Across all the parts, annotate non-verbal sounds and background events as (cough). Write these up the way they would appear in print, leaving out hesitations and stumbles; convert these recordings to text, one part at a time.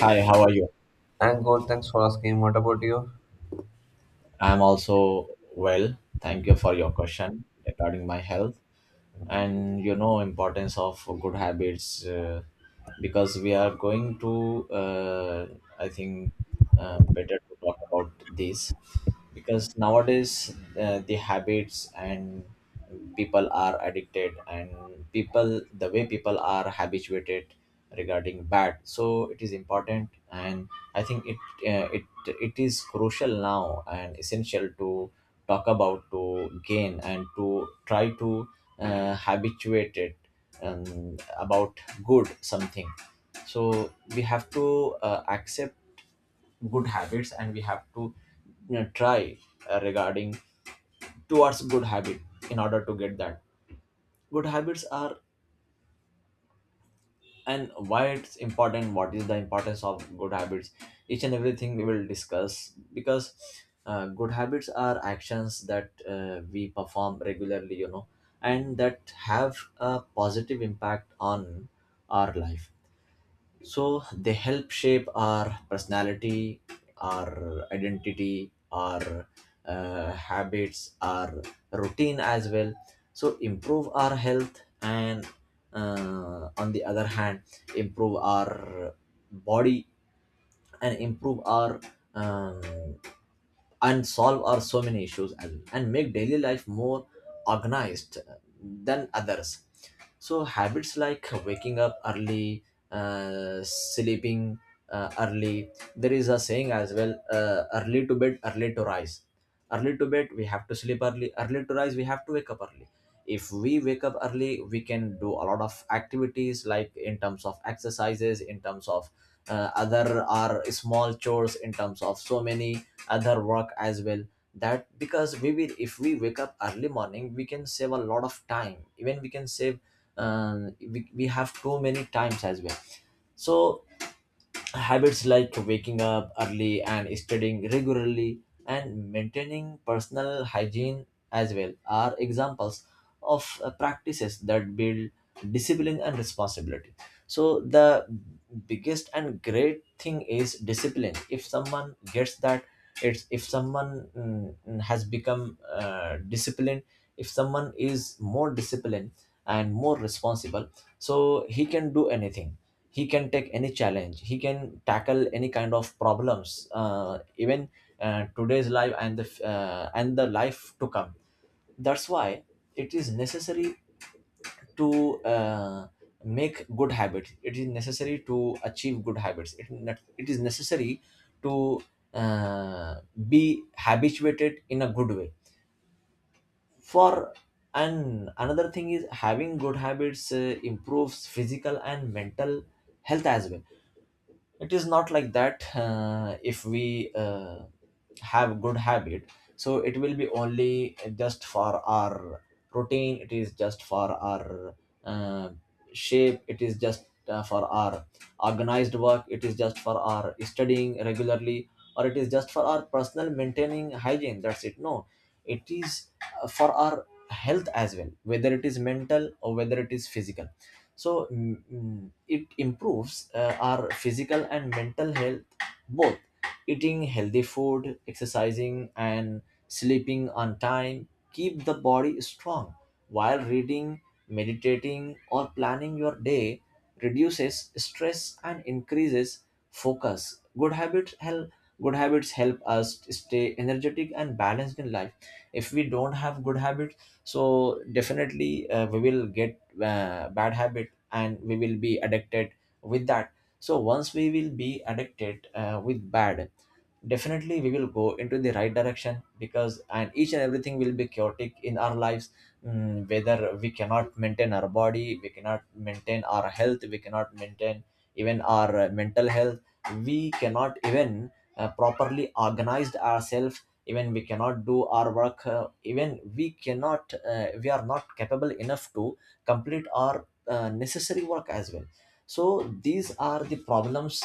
Hi, how are you? I'm good, thanks for asking. What about you? I'm also well. Thank you for your question regarding my health and importance of good habits because we are going to uh, I think better to talk about this because nowadays the habits and people are addicted and people the way people are habituated regarding bad, so it is important. And I think uh, it it is crucial now and essential to talk about, to gain and to try to habituate it about good something. So we have to accept good habits and we have to try regarding towards good habit in order to get that. Good habits are, and why it's important, what is the importance of good habits, each and everything we will discuss. Because good habits are actions that we perform regularly, and that have a positive impact on our life. So they help shape our personality, our identity, our habits, our routine as well. So improve our health and, on the other hand, improve our body and improve our um, and solve our so many issues as well, and make daily life more organized than others. So habits like waking up early, sleeping early. There is a saying as well, early to bed early to rise. Early to bed, we have to sleep early; early to rise, we have to wake up early. If we wake up early, we can do a lot of activities, like in terms of exercises, in terms of other are small chores, in terms of so many other work as well. That because we will, if we wake up early morning, we can save a lot of time, even we can save we have too many times as well. So habits like waking up early and studying regularly and maintaining personal hygiene as well are examples of practices that build discipline and responsibility. So, the biggest and great thing is discipline. If someone gets that, it's if someone has become disciplined, if someone is more disciplined and more responsible, so he can do anything, he can take any challenge, he can tackle any kind of problems, even today's life and and the life to come. That's why it is necessary to make good habits, it is necessary to achieve good habits, it is necessary to uh, be habituated in a good way for. And another thing is having good habits improves physical and mental health as well. It is not like that, if we have good habit, so it will be only just for our protein, it is just for our uh, shape, it is just for our organized work, it is just for our studying regularly, or it is just for our personal maintaining hygiene, that's it. No, it is for our health as well, whether it is mental or whether it is physical. So it improves our physical and mental health both. Eating healthy food, exercising and sleeping on time keep the body strong, while reading, meditating or planning your day reduces stress and increases focus. Good habits help us stay energetic and balanced in life. If we don't have good habits, so definitely we will get bad habits and we will be addicted with that. So once we will be addicted with bad, definitely we will go into the right direction, because and each and everything will be chaotic in our lives. Mm, whether we cannot maintain our body, we cannot maintain our health, we cannot maintain even our mental health, we cannot even properly organized ourselves, even we cannot do our work, even we cannot we are not capable enough to complete our necessary work as well. So these are the problems.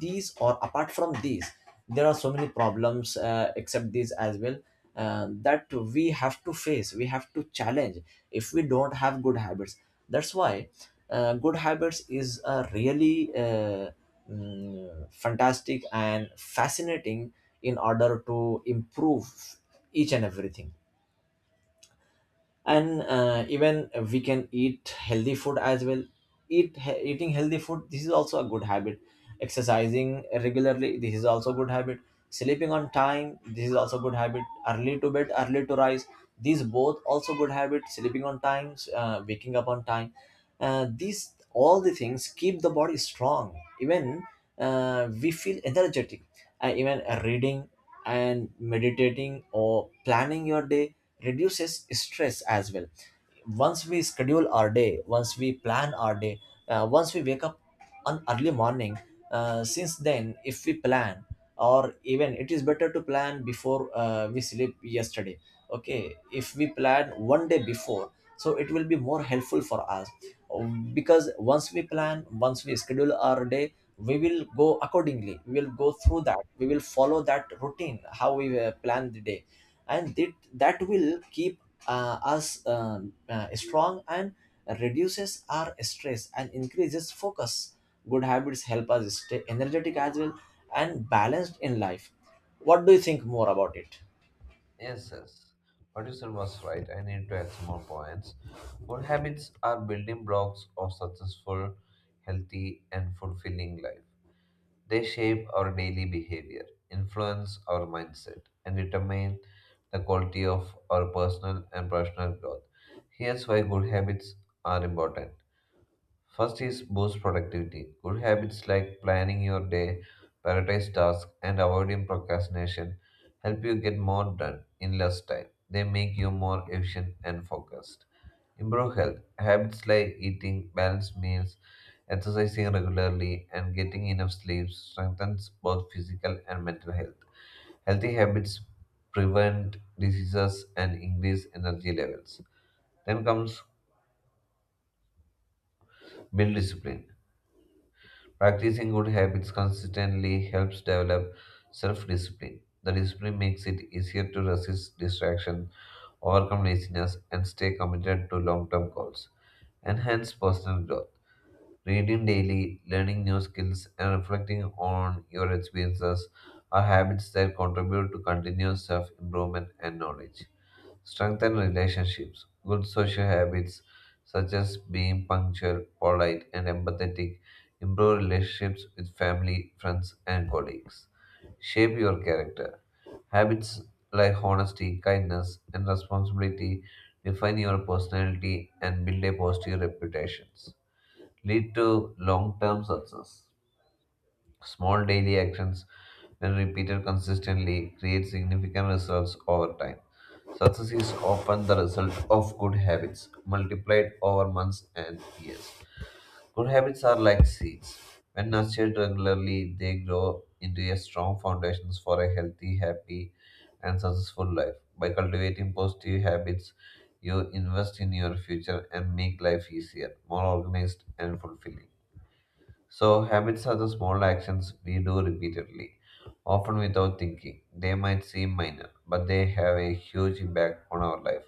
These or apart from these, there are so many problems except these as well, that we have to face, we have to challenge, if we don't have good habits. That's why good habits is a really, fantastic and fascinating in order to improve each and everything. And even we can eat healthy food as well. Eating healthy food, this is also a good habit. Exercising regularly, this is also a good habit. Sleeping on time, this is also a good habit. Early to bed early to rise, these both also good habits. Sleeping on time, waking up on time, these all the things keep the body strong. Even we feel energetic. Even reading and meditating or planning your day reduces stress as well. Once we schedule our day, once we plan our day, once we wake up on early morning, since then if we plan, or even it is better to plan before we sleep yesterday. Okay, if we plan one day before, so it will be more helpful for us. Because once we plan, once we schedule our day, we will go accordingly, we will go through that, we will follow that routine how we plan the day. And that will keep us strong and reduces our stress and increases focus. Good habits help us stay energetic as well and balanced in life. What do you think more about it? Yes, yes. What you said was right. I need to add some more points. Good habits are building blocks of successful, healthy, and fulfilling life. They shape our daily behavior, influence our mindset, and determine the quality of our personal and professional growth. Here's why good habits are important. First is boost productivity. Good habits like planning your day, prioritize tasks, and avoiding procrastination help you get more done in less time. They make you more efficient and focused. Improve health. Habits like eating balanced meals, exercising regularly, and getting enough sleep strengthens both physical and mental health. Healthy habits prevent diseases and increase energy levels. Then comes build discipline. Practicing good habits consistently helps develop self discipline. The discipline makes it easier to resist distraction, overcome laziness, and stay committed to long term goals. Enhance personal growth. Reading daily, learning new skills, and reflecting on your experiences are habits that contribute to continuous self improvement and knowledge. Strengthen relationships. Good social habits such as being punctual, polite, and empathetic improve relationships with family, friends, and colleagues. Shape your character. Habits like honesty, kindness, and responsibility define your personality and build a positive reputation. Lead to long term success. Small daily actions, when repeated consistently, create significant results over time. Success is often the result of good habits multiplied over months and years. Good habits are like seeds. When nurtured regularly, they grow into a strong foundations for a healthy, happy, and successful life. By cultivating positive habits, you invest in your future and make life easier, more organized, and fulfilling. So, habits are the small actions we do repeatedly, often without thinking. They might seem minor, but they have a huge impact on our life.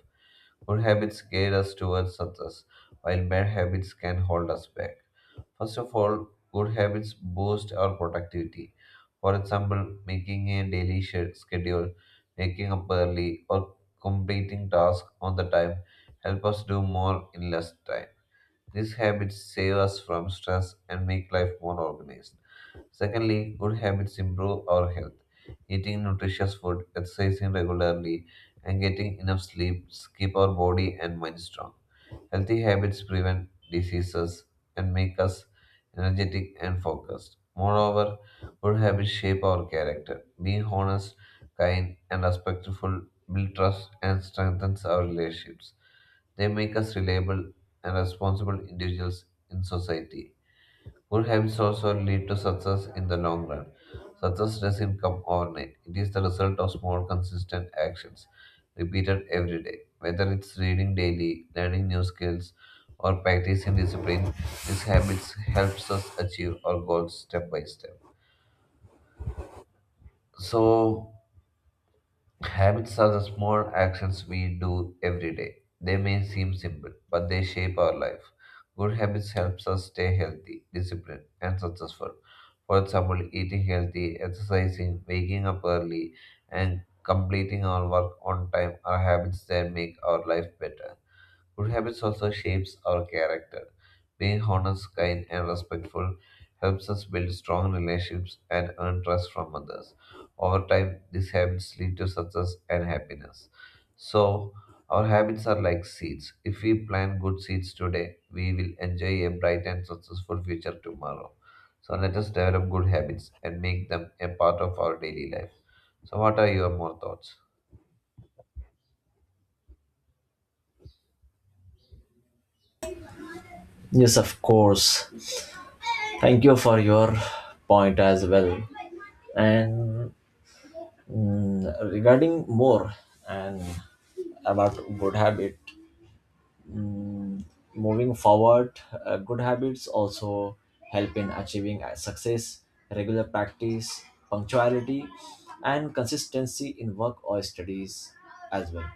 Good habits guide us towards success, while bad habits can hold us back. First of all, good habits boost our productivity. For example, making a daily schedule, waking up early, or completing tasks on the time help us do more in less time. These habits save us from stress and make life more organized. Secondly, good habits improve our health. Eating nutritious food, exercising regularly, and getting enough sleep keep our body and mind strong. Healthy habits prevent diseases and make us energetic and focused. Moreover, good habits shape our character. Being honest, kind, and respectful build trust and strengthens our relationships. They make us reliable and responsible individuals in society. Good habits also lead to success in the long run. Success doesn't come overnight. It is the result of small, consistent actions repeated every day. Whether it's reading daily, learning new skills, or practicing discipline, these habits helps us achieve our goals step by step. So, habits are the small actions we do every day. They may seem simple, but they shape our life. Good habits helps us stay healthy, disciplined, and successful. For example, eating healthy, exercising, waking up early, and completing our work on time are habits that make our life better. Good habits also shapes our character. Being honest, kind, and respectful helps us build strong relationships and earn trust from others. Over time, these habits lead to success and happiness. So, our habits are like seeds. If we plant good seeds today, we will enjoy a bright and successful future tomorrow. So, let us develop good habits and make them a part of our daily life. So, what are your more thoughts? Yes, of course. Thank you for your point as well. And regarding more and about good habit, mm, moving forward, good habits also help in achieving success, regular practice, punctuality, and consistency in work or studies as well.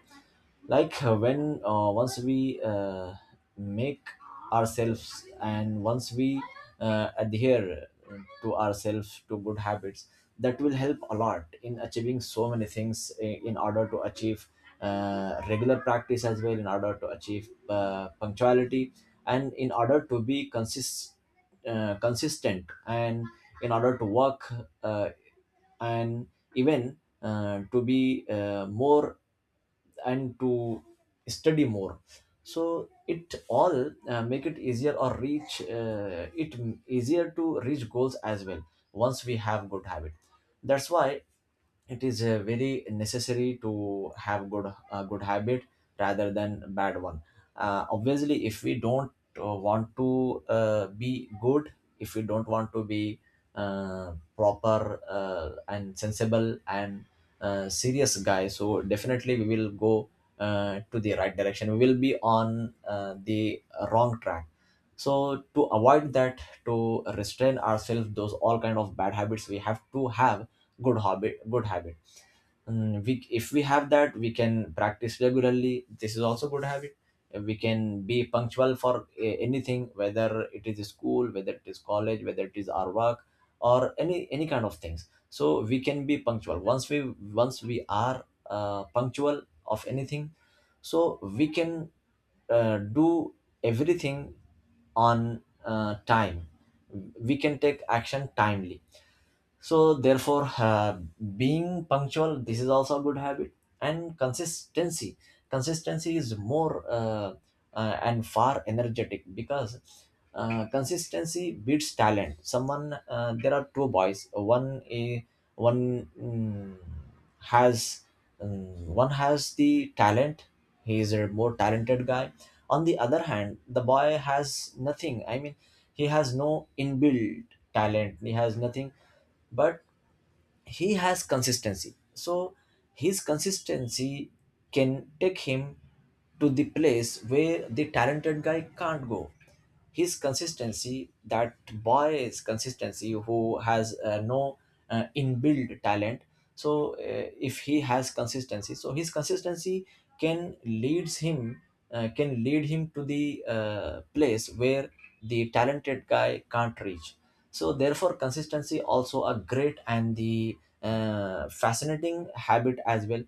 Like when once we make ourselves, and once we adhere to ourselves to good habits, that will help a lot in achieving so many things, in order to achieve regular practice as well, in order to achieve punctuality, and in order to be consistent, and in order to work, uh, and even to be more, and to study more. So it all make it easier or easier to reach goals as well, once we have good habit. That's why it is very necessary to have good a good habit rather than bad one. Obviously if we don't want to be good, if we don't want to be proper and sensible and serious guy, so definitely we will go to the right direction, we will be on the wrong track. So to avoid that, to restrain ourselves those all kind of bad habits, we have to have good habit. Mm, we, if we have that, we can practice regularly, this is also good habit. We can be punctual for anything, whether it is school, whether it is college, whether it is our work or any kind of things. So we can be punctual once we, once we are punctual of anything, so we can do everything on time. We can take action timely. So therefore being punctual, this is also a good habit. And consistency, consistency is more and far energetic, because consistency beats talent. Someone there are two boys, one a one mm, has one has the talent, he is a more talented guy. On the other hand, the boy has nothing. I mean, he has no inbuilt talent, he has nothing but he has consistency. So his consistency can take him to the place where the talented guy can't go. His consistency, that boy's consistency who has no inbuilt talent. So if he has consistency, so his consistency can leads him can lead him to the place where the talented guy can't reach. So therefore consistency also a great and the fascinating habit as well.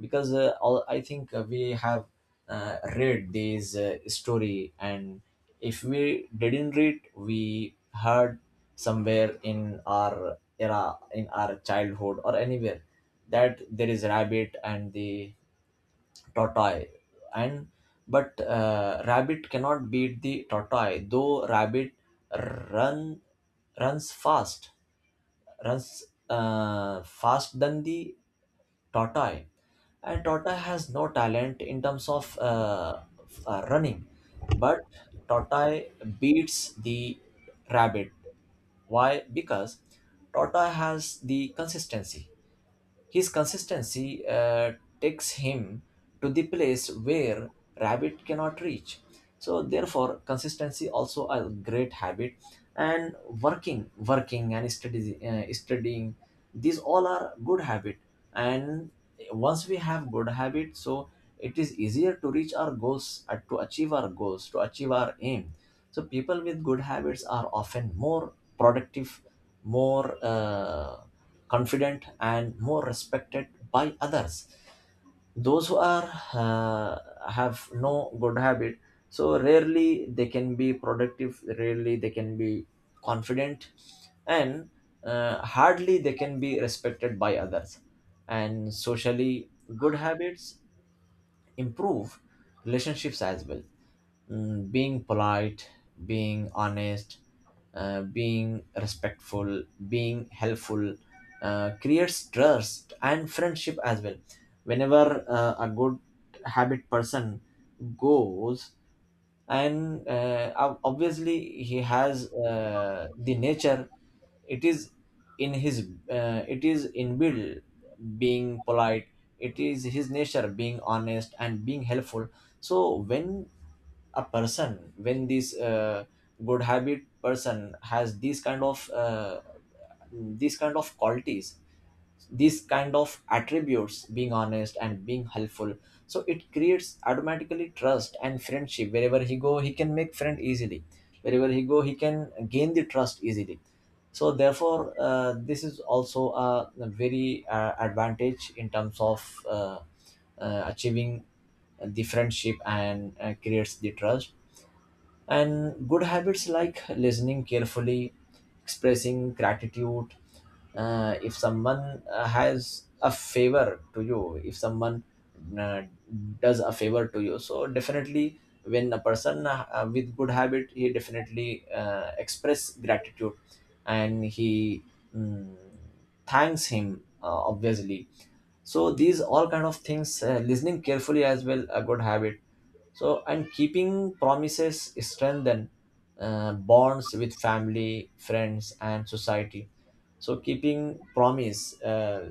Because all I think we have read these story, and if we didn't read, we heard somewhere in our era, in our childhood or anywhere, that there is rabbit and the tortoise, and but rabbit cannot beat the tortoise, though rabbit run runs fast, runs fast than the tortoise, and tortoise has no talent in terms of running. But tortoise beats the rabbit. Why? Because tortoise has the consistency. His consistency takes him to the place where rabbit cannot reach. So therefore, consistency also a great habit, and working and studying, these all are good habit. And once we have good habit, so it is easier to reach our goals, to achieve our goals, to achieve our aim. So people with good habits are often more productive, more. Confident and more respected by others, those who are have no good habit, so rarely they can be productive, rarely they can be confident, and hardly they can be respected by others. And socially, good habits improve relationships as well. Being polite, being honest, being respectful, being helpful creates trust and friendship as well. Whenever a good habit person goes, and obviously he has the nature, it is in his it is inbuilt, being polite, it is his nature, being honest and being helpful. So when a person, when this good habit person has these kind of qualities, these kind of attributes, being honest and being helpful, so it creates automatically trust and friendship. Wherever he go, he can make friend easily. Wherever he go, he can gain the trust easily. So therefore this is also a, very advantage in terms of achieving the friendship and creates the trust. And good habits like listening carefully, expressing gratitude, if someone has a favor to you, if someone uh, does a favor to you, so definitely when a person with good habit, he definitely express gratitude, and he mm, thanks him obviously. So these all kind of things, listening carefully as well, a good habit. So and keeping promises strengthen bonds with family, friends and society. So keeping promise,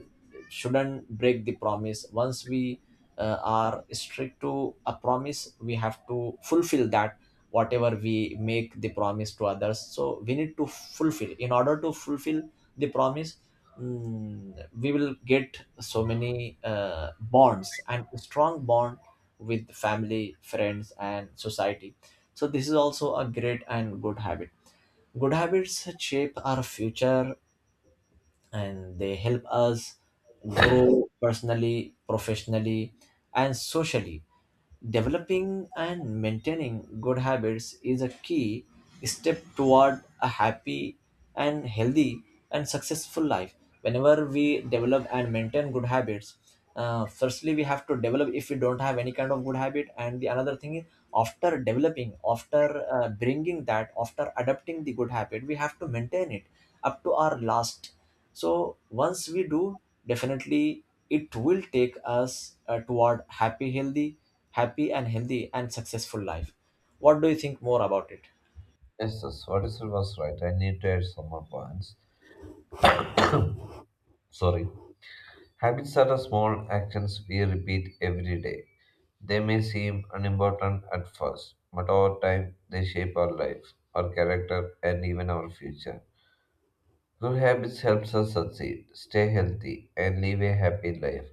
shouldn't break the promise. Once we are strict to a promise, we have to fulfill that. Whatever we make the promise to others, so we need to fulfill, in order to fulfill the promise, mm, we will get so many bonds and strong bond with family, friends, and society. So, this is also a great and good habit. Good habits shape our future, and they help us grow personally, professionally, and socially. Developing and maintaining good habits is a key step toward a happy and healthy and successful life. Whenever we develop and maintain good habits, firstly we have to develop if we don't have any kind of good habit, and the another thing is, after developing, after bringing that, after adopting the good habit, we have to maintain it up to our last. So once we do, definitely it will take us toward happy, healthy, happy and healthy and successful life. What do you think more about it? Yes, yes, what is it was right. I need to add some more points. Sorry. Habits are the small actions we repeat every day. They may seem unimportant at first, but over time they shape our life, our character, and even our future. Good habits helps us succeed, stay healthy, and live a happy life,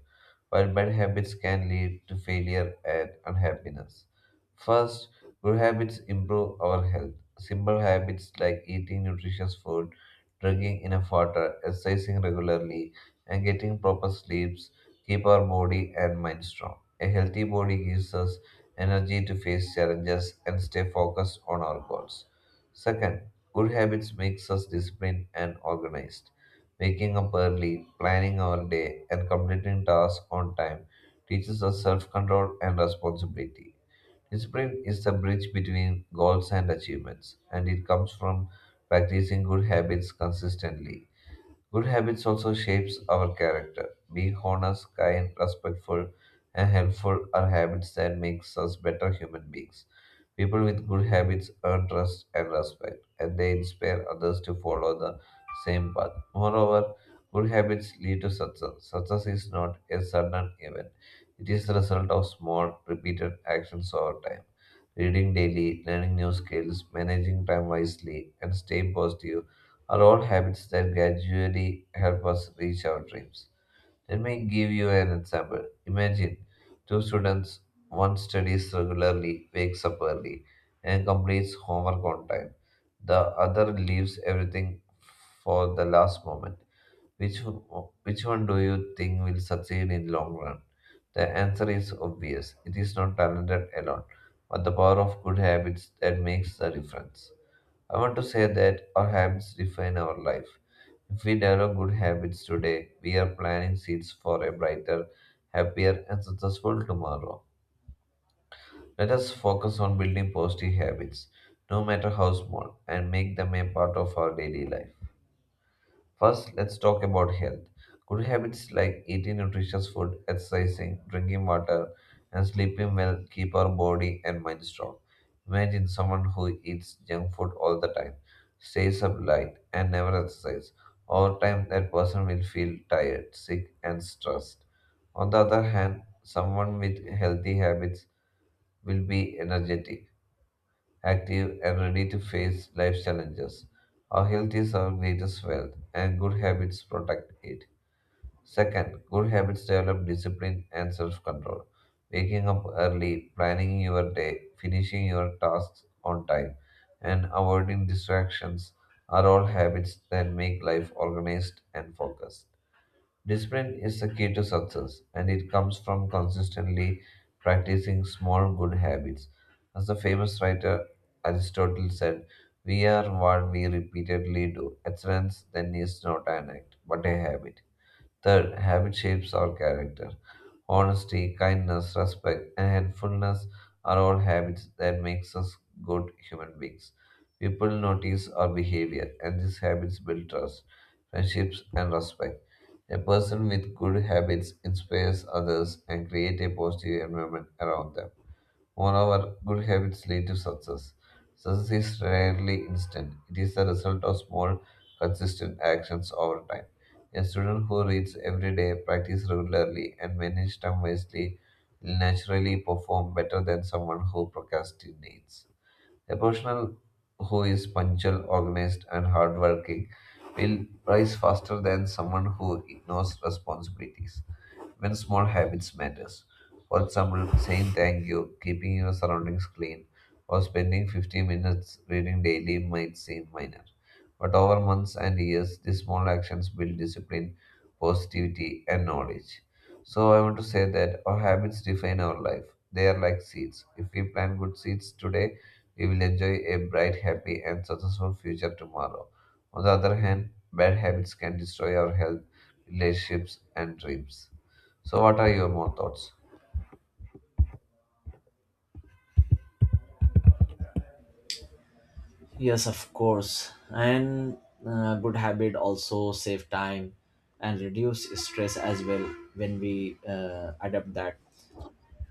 while bad habits can lead to failure and unhappiness. First, good habits improve our health. Simple habits like eating nutritious food, drinking enough water, exercising regularly, and getting proper sleeps keep our body and mind strong. A healthy body gives us energy to face challenges and stay focused on our goals. Second, good habits makes us disciplined and organized. Waking up early, planning our day, and completing tasks on time teaches us self-control and responsibility. Discipline is the bridge between goals and achievements, and it comes from practicing good habits consistently. Good habits also shapes our character. Being honest, kind, respectful, and helpful are habits that makes us better human beings. People with good habits earn trust and respect, and they inspire others to follow the same path. Moreover, good habits lead to success. Success is not a sudden event; it is the result of small, repeated actions over time. Reading daily, learning new skills, managing time wisely, and staying positive are all habits that gradually help us reach our dreams. Let me give you an example. Imagine two students, one studies regularly, wakes up early, and completes homework on time. The other leaves everything for the last moment. Which one do you think will succeed in long run? The answer is obvious. It is not talented alone, but the power of good habits that makes the difference. I want to say that our habits define our life. If we develop good habits today, we are planting seeds for a brighter, happier, and successful tomorrow. Let us focus on building positive habits, no matter how small, and make them a part of our daily life. First, let's talk about health. Good habits like eating nutritious food, exercising, drinking water, and sleeping well keep our body and mind strong. Imagine someone who eats junk food all the time, stays up late, and never exercises. Over time, that person will feel tired, sick, and stressed. On the other hand, someone with healthy habits will be energetic, active, and ready to face life's challenges. Our health is our greatest wealth, and good habits protect it. Second, good habits develop discipline and self control. Waking up early, planning your day, finishing your tasks on time, and avoiding distractions are all habits that make life organized and focused. Discipline is the key to success, and it comes from consistently practicing small good habits. As the famous writer Aristotle said, we are what we repeatedly do. Excellence then is not an act, but a habit. Third, habit shapes our character. Honesty, kindness, respect, and helpfulness are all habits that makes us good human beings. People notice our behavior, and these habits build trust, friendships, and respect. A person with good habits inspires others and creates a positive environment around them. Moreover, good habits lead to success. Success is rarely instant, it is the result of small, consistent actions over time. A student who reads every day, practices regularly, and manages time wisely will naturally perform better than someone who procrastinates. A person who is punctual, organized, and hardworking will rise faster than someone who ignores responsibilities. When small habits matters. For example, saying thank you, keeping your surroundings clean, or spending 15 minutes reading daily might seem minor. But over months and years, these small actions build discipline, positivity, and knowledge. So I want to say that our habits define our life. They are like seeds. If we plant good seeds today, we will enjoy a bright, happy, and successful future tomorrow. On the other hand, bad habits can destroy our health, relationships, and dreams. So, what are your more thoughts? Yes, of course. And good habit also save time and reduce stress as well when we adapt that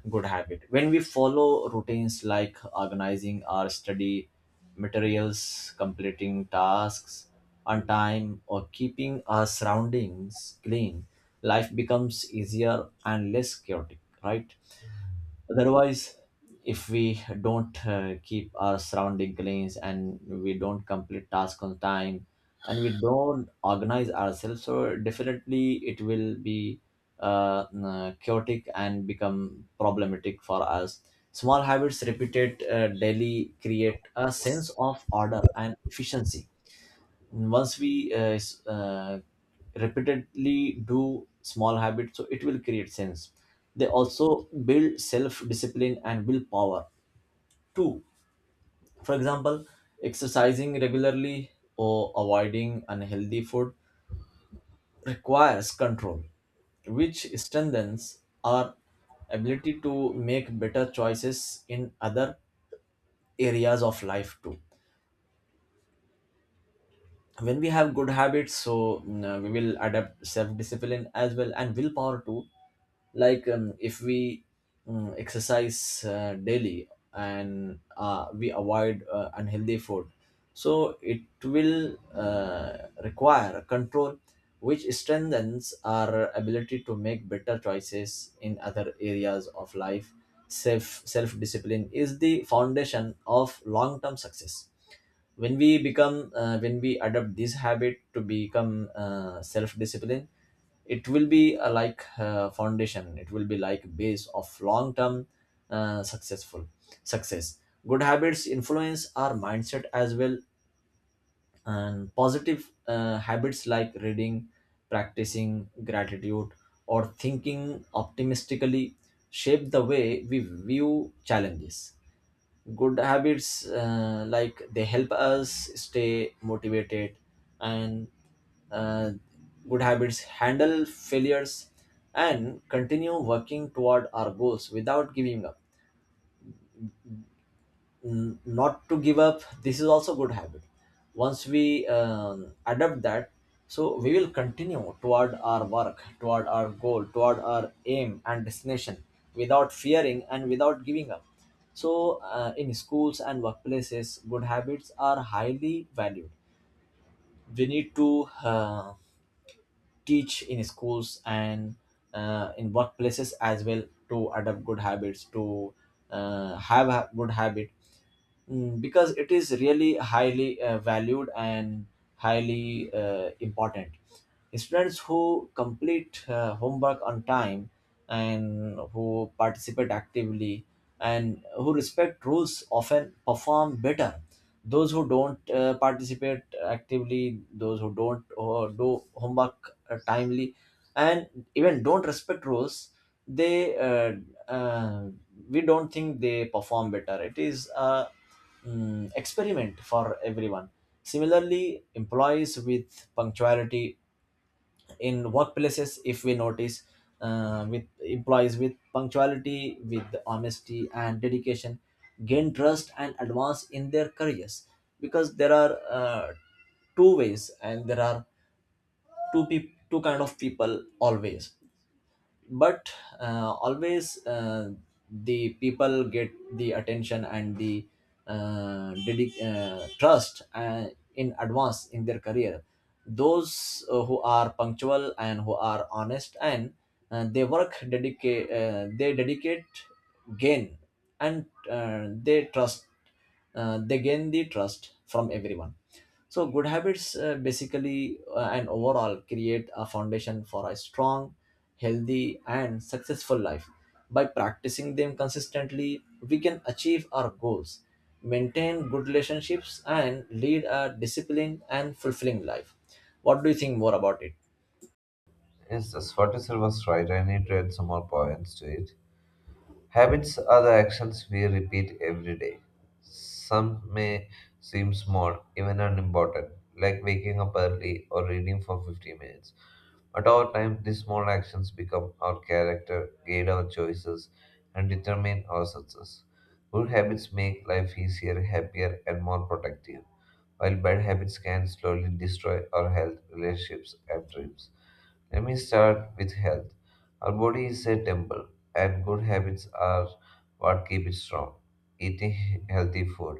good habit. When we follow routines like organizing our study materials, completing tasks on time, or keeping our surroundings clean, life becomes easier and less chaotic, right? Otherwise, if we don't keep our surrounding clean, and we don't complete tasks on time, and we don't organize ourselves, so definitely it will be chaotic and become problematic for us. Small habits repeated daily create a sense of order and efficiency. Once we repeatedly do small habits, so it will create sense. They also build self discipline and willpower two for example, exercising regularly or avoiding unhealthy food requires control, which strengthens our ability to make better choices in other areas of life too. When we have good habits, so we will adapt self discipline as well and willpower too. Like if we exercise daily and we avoid unhealthy food, so it will require control, which strengthens our ability to make better choices in other areas of life. Self discipline is the foundation of long term success. When we become when we adopt this habit to become self-discipline, it will be a like foundation, it will be like base of long-term successful, success. Good habits influence our mindset as well, and positive habits like reading, practicing gratitude, or thinking optimistically shape the way we view challenges. Good habits like they help us stay motivated, and uh, good habits handle failures and continue working toward our goals without giving up. Not to give up, this is also good habit. Once we adopt that, so we will continue toward our work, toward our goal, toward our aim and destination, without fearing and without giving up. So in schools and workplaces, good habits are highly valued. We need to teach in schools and in workplaces as well to adopt good habits, to have a good habit. Mm, because it is really highly valued and highly important. Students who complete homework on time, and who participate actively, and who respect rules often perform better. Those who don't participate actively, those who don't or do homework timely, and even don't respect rules, they uh, we don't think they perform better. It is a experiment for everyone. Similarly, employees with punctuality, in workplaces if we notice, with employees with punctuality, with honesty and dedication, gain trust and advance in their careers. Because there are two ways, and there are two kind of people always. But always, the people get the attention and the trust in advance in their career, those who are punctual and who are honest, and they dedicate, gain, and they trust, they gain the trust from everyone. So good habits basically and overall create a foundation for a strong, healthy and successful life. By practicing them consistently, we can achieve our goals, maintain good relationships, and lead a disciplined and fulfilling life. What do you think more about it? Yes, that's what you said was right. I need to add some more points to it. Habits are the actions we repeat every day. Some may seem small, even unimportant, like waking up early or reading for 15 minutes. But over time, these small actions become our character, guide our choices, and determine our success. Good habits make life easier, happier, and more productive while bad habits can slowly destroy our health, relationships, and dreams. Let me start with health. Our body is a temple, and good habits are what keep it strong. Eating (laughs) healthy food,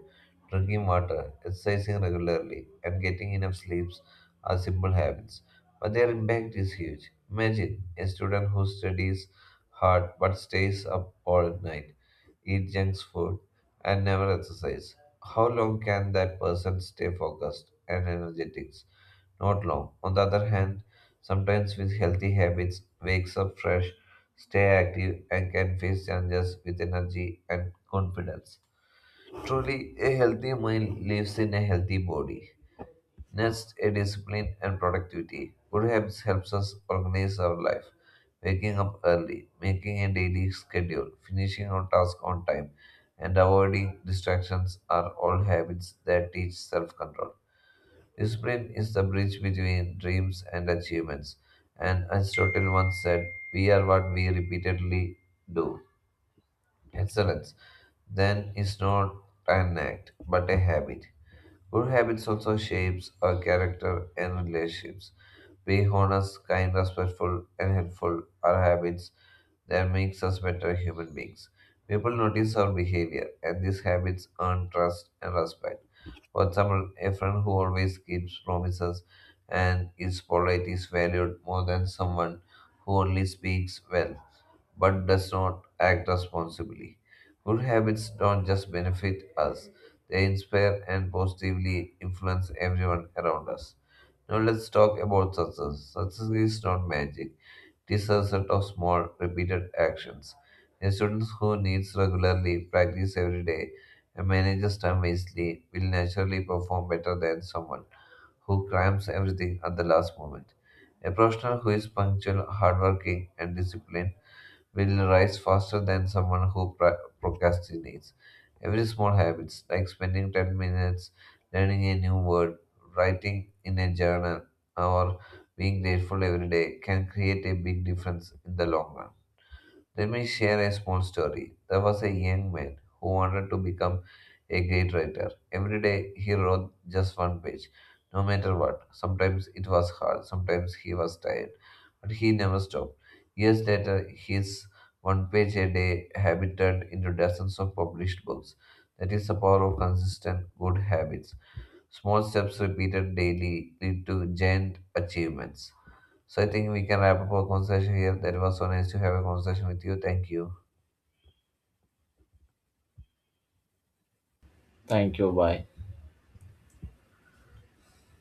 drinking water, exercising regularly, and getting enough sleeps are simple habits, but their impact is huge. Imagine a student who studies hard but stays up all night, eat junk food, and never exercise. How long can that person stay focused and energetic? Not long. On the other hand, sometimes with healthy habits, wakes up fresh, stay active, and can face challenges with energy and confidence. Truly, a healthy mind lives in a healthy body. Next, a discipline and productivity. Good habits helps us organize our life. Waking up early, making a daily schedule, finishing our task on time, and avoiding distractions are all habits that teach self-control. Discipline is the bridge between dreams and achievements. And Aristotle once said, "We are what we repeatedly do." Excellence then is not an act but a habit. Good habits also shapes our character and relationships. Being honest, kind, respectful, and helpful are habits that makes us better human beings. People notice our behavior, and these habits earn trust and respect. For example, a friend who always keeps promises and is polite is valued more than someone who only speaks well but does not act responsibly. Good habits don't just benefit us, they inspire and positively influence everyone around us. Now let's talk about success. Success is not magic. It is a set of small, repeated actions. A student who needs regularly practice every day and manages time wisely will naturally perform better than someone who cramps everything at the last moment. A professional who is punctual, hardworking, and disciplined will rise faster than someone who procrastinates. Every small habit, like spending 10 minutes learning a new word, writing in a journal, or being grateful every day, can create a big difference in the long run. Let me share a small story. There was a young man who wanted to become a great writer. Every day he wrote just one page, no matter what. Sometimes it was hard, sometimes he was tired, but he never stopped. Years later, his one page a day habit turned into dozens of published books. That is the power of consistent good habits. Small steps repeated daily lead to giant achievements. So I think we can wrap up our conversation here. That was so nice to have a conversation with you. Thank you. Thank you, bye.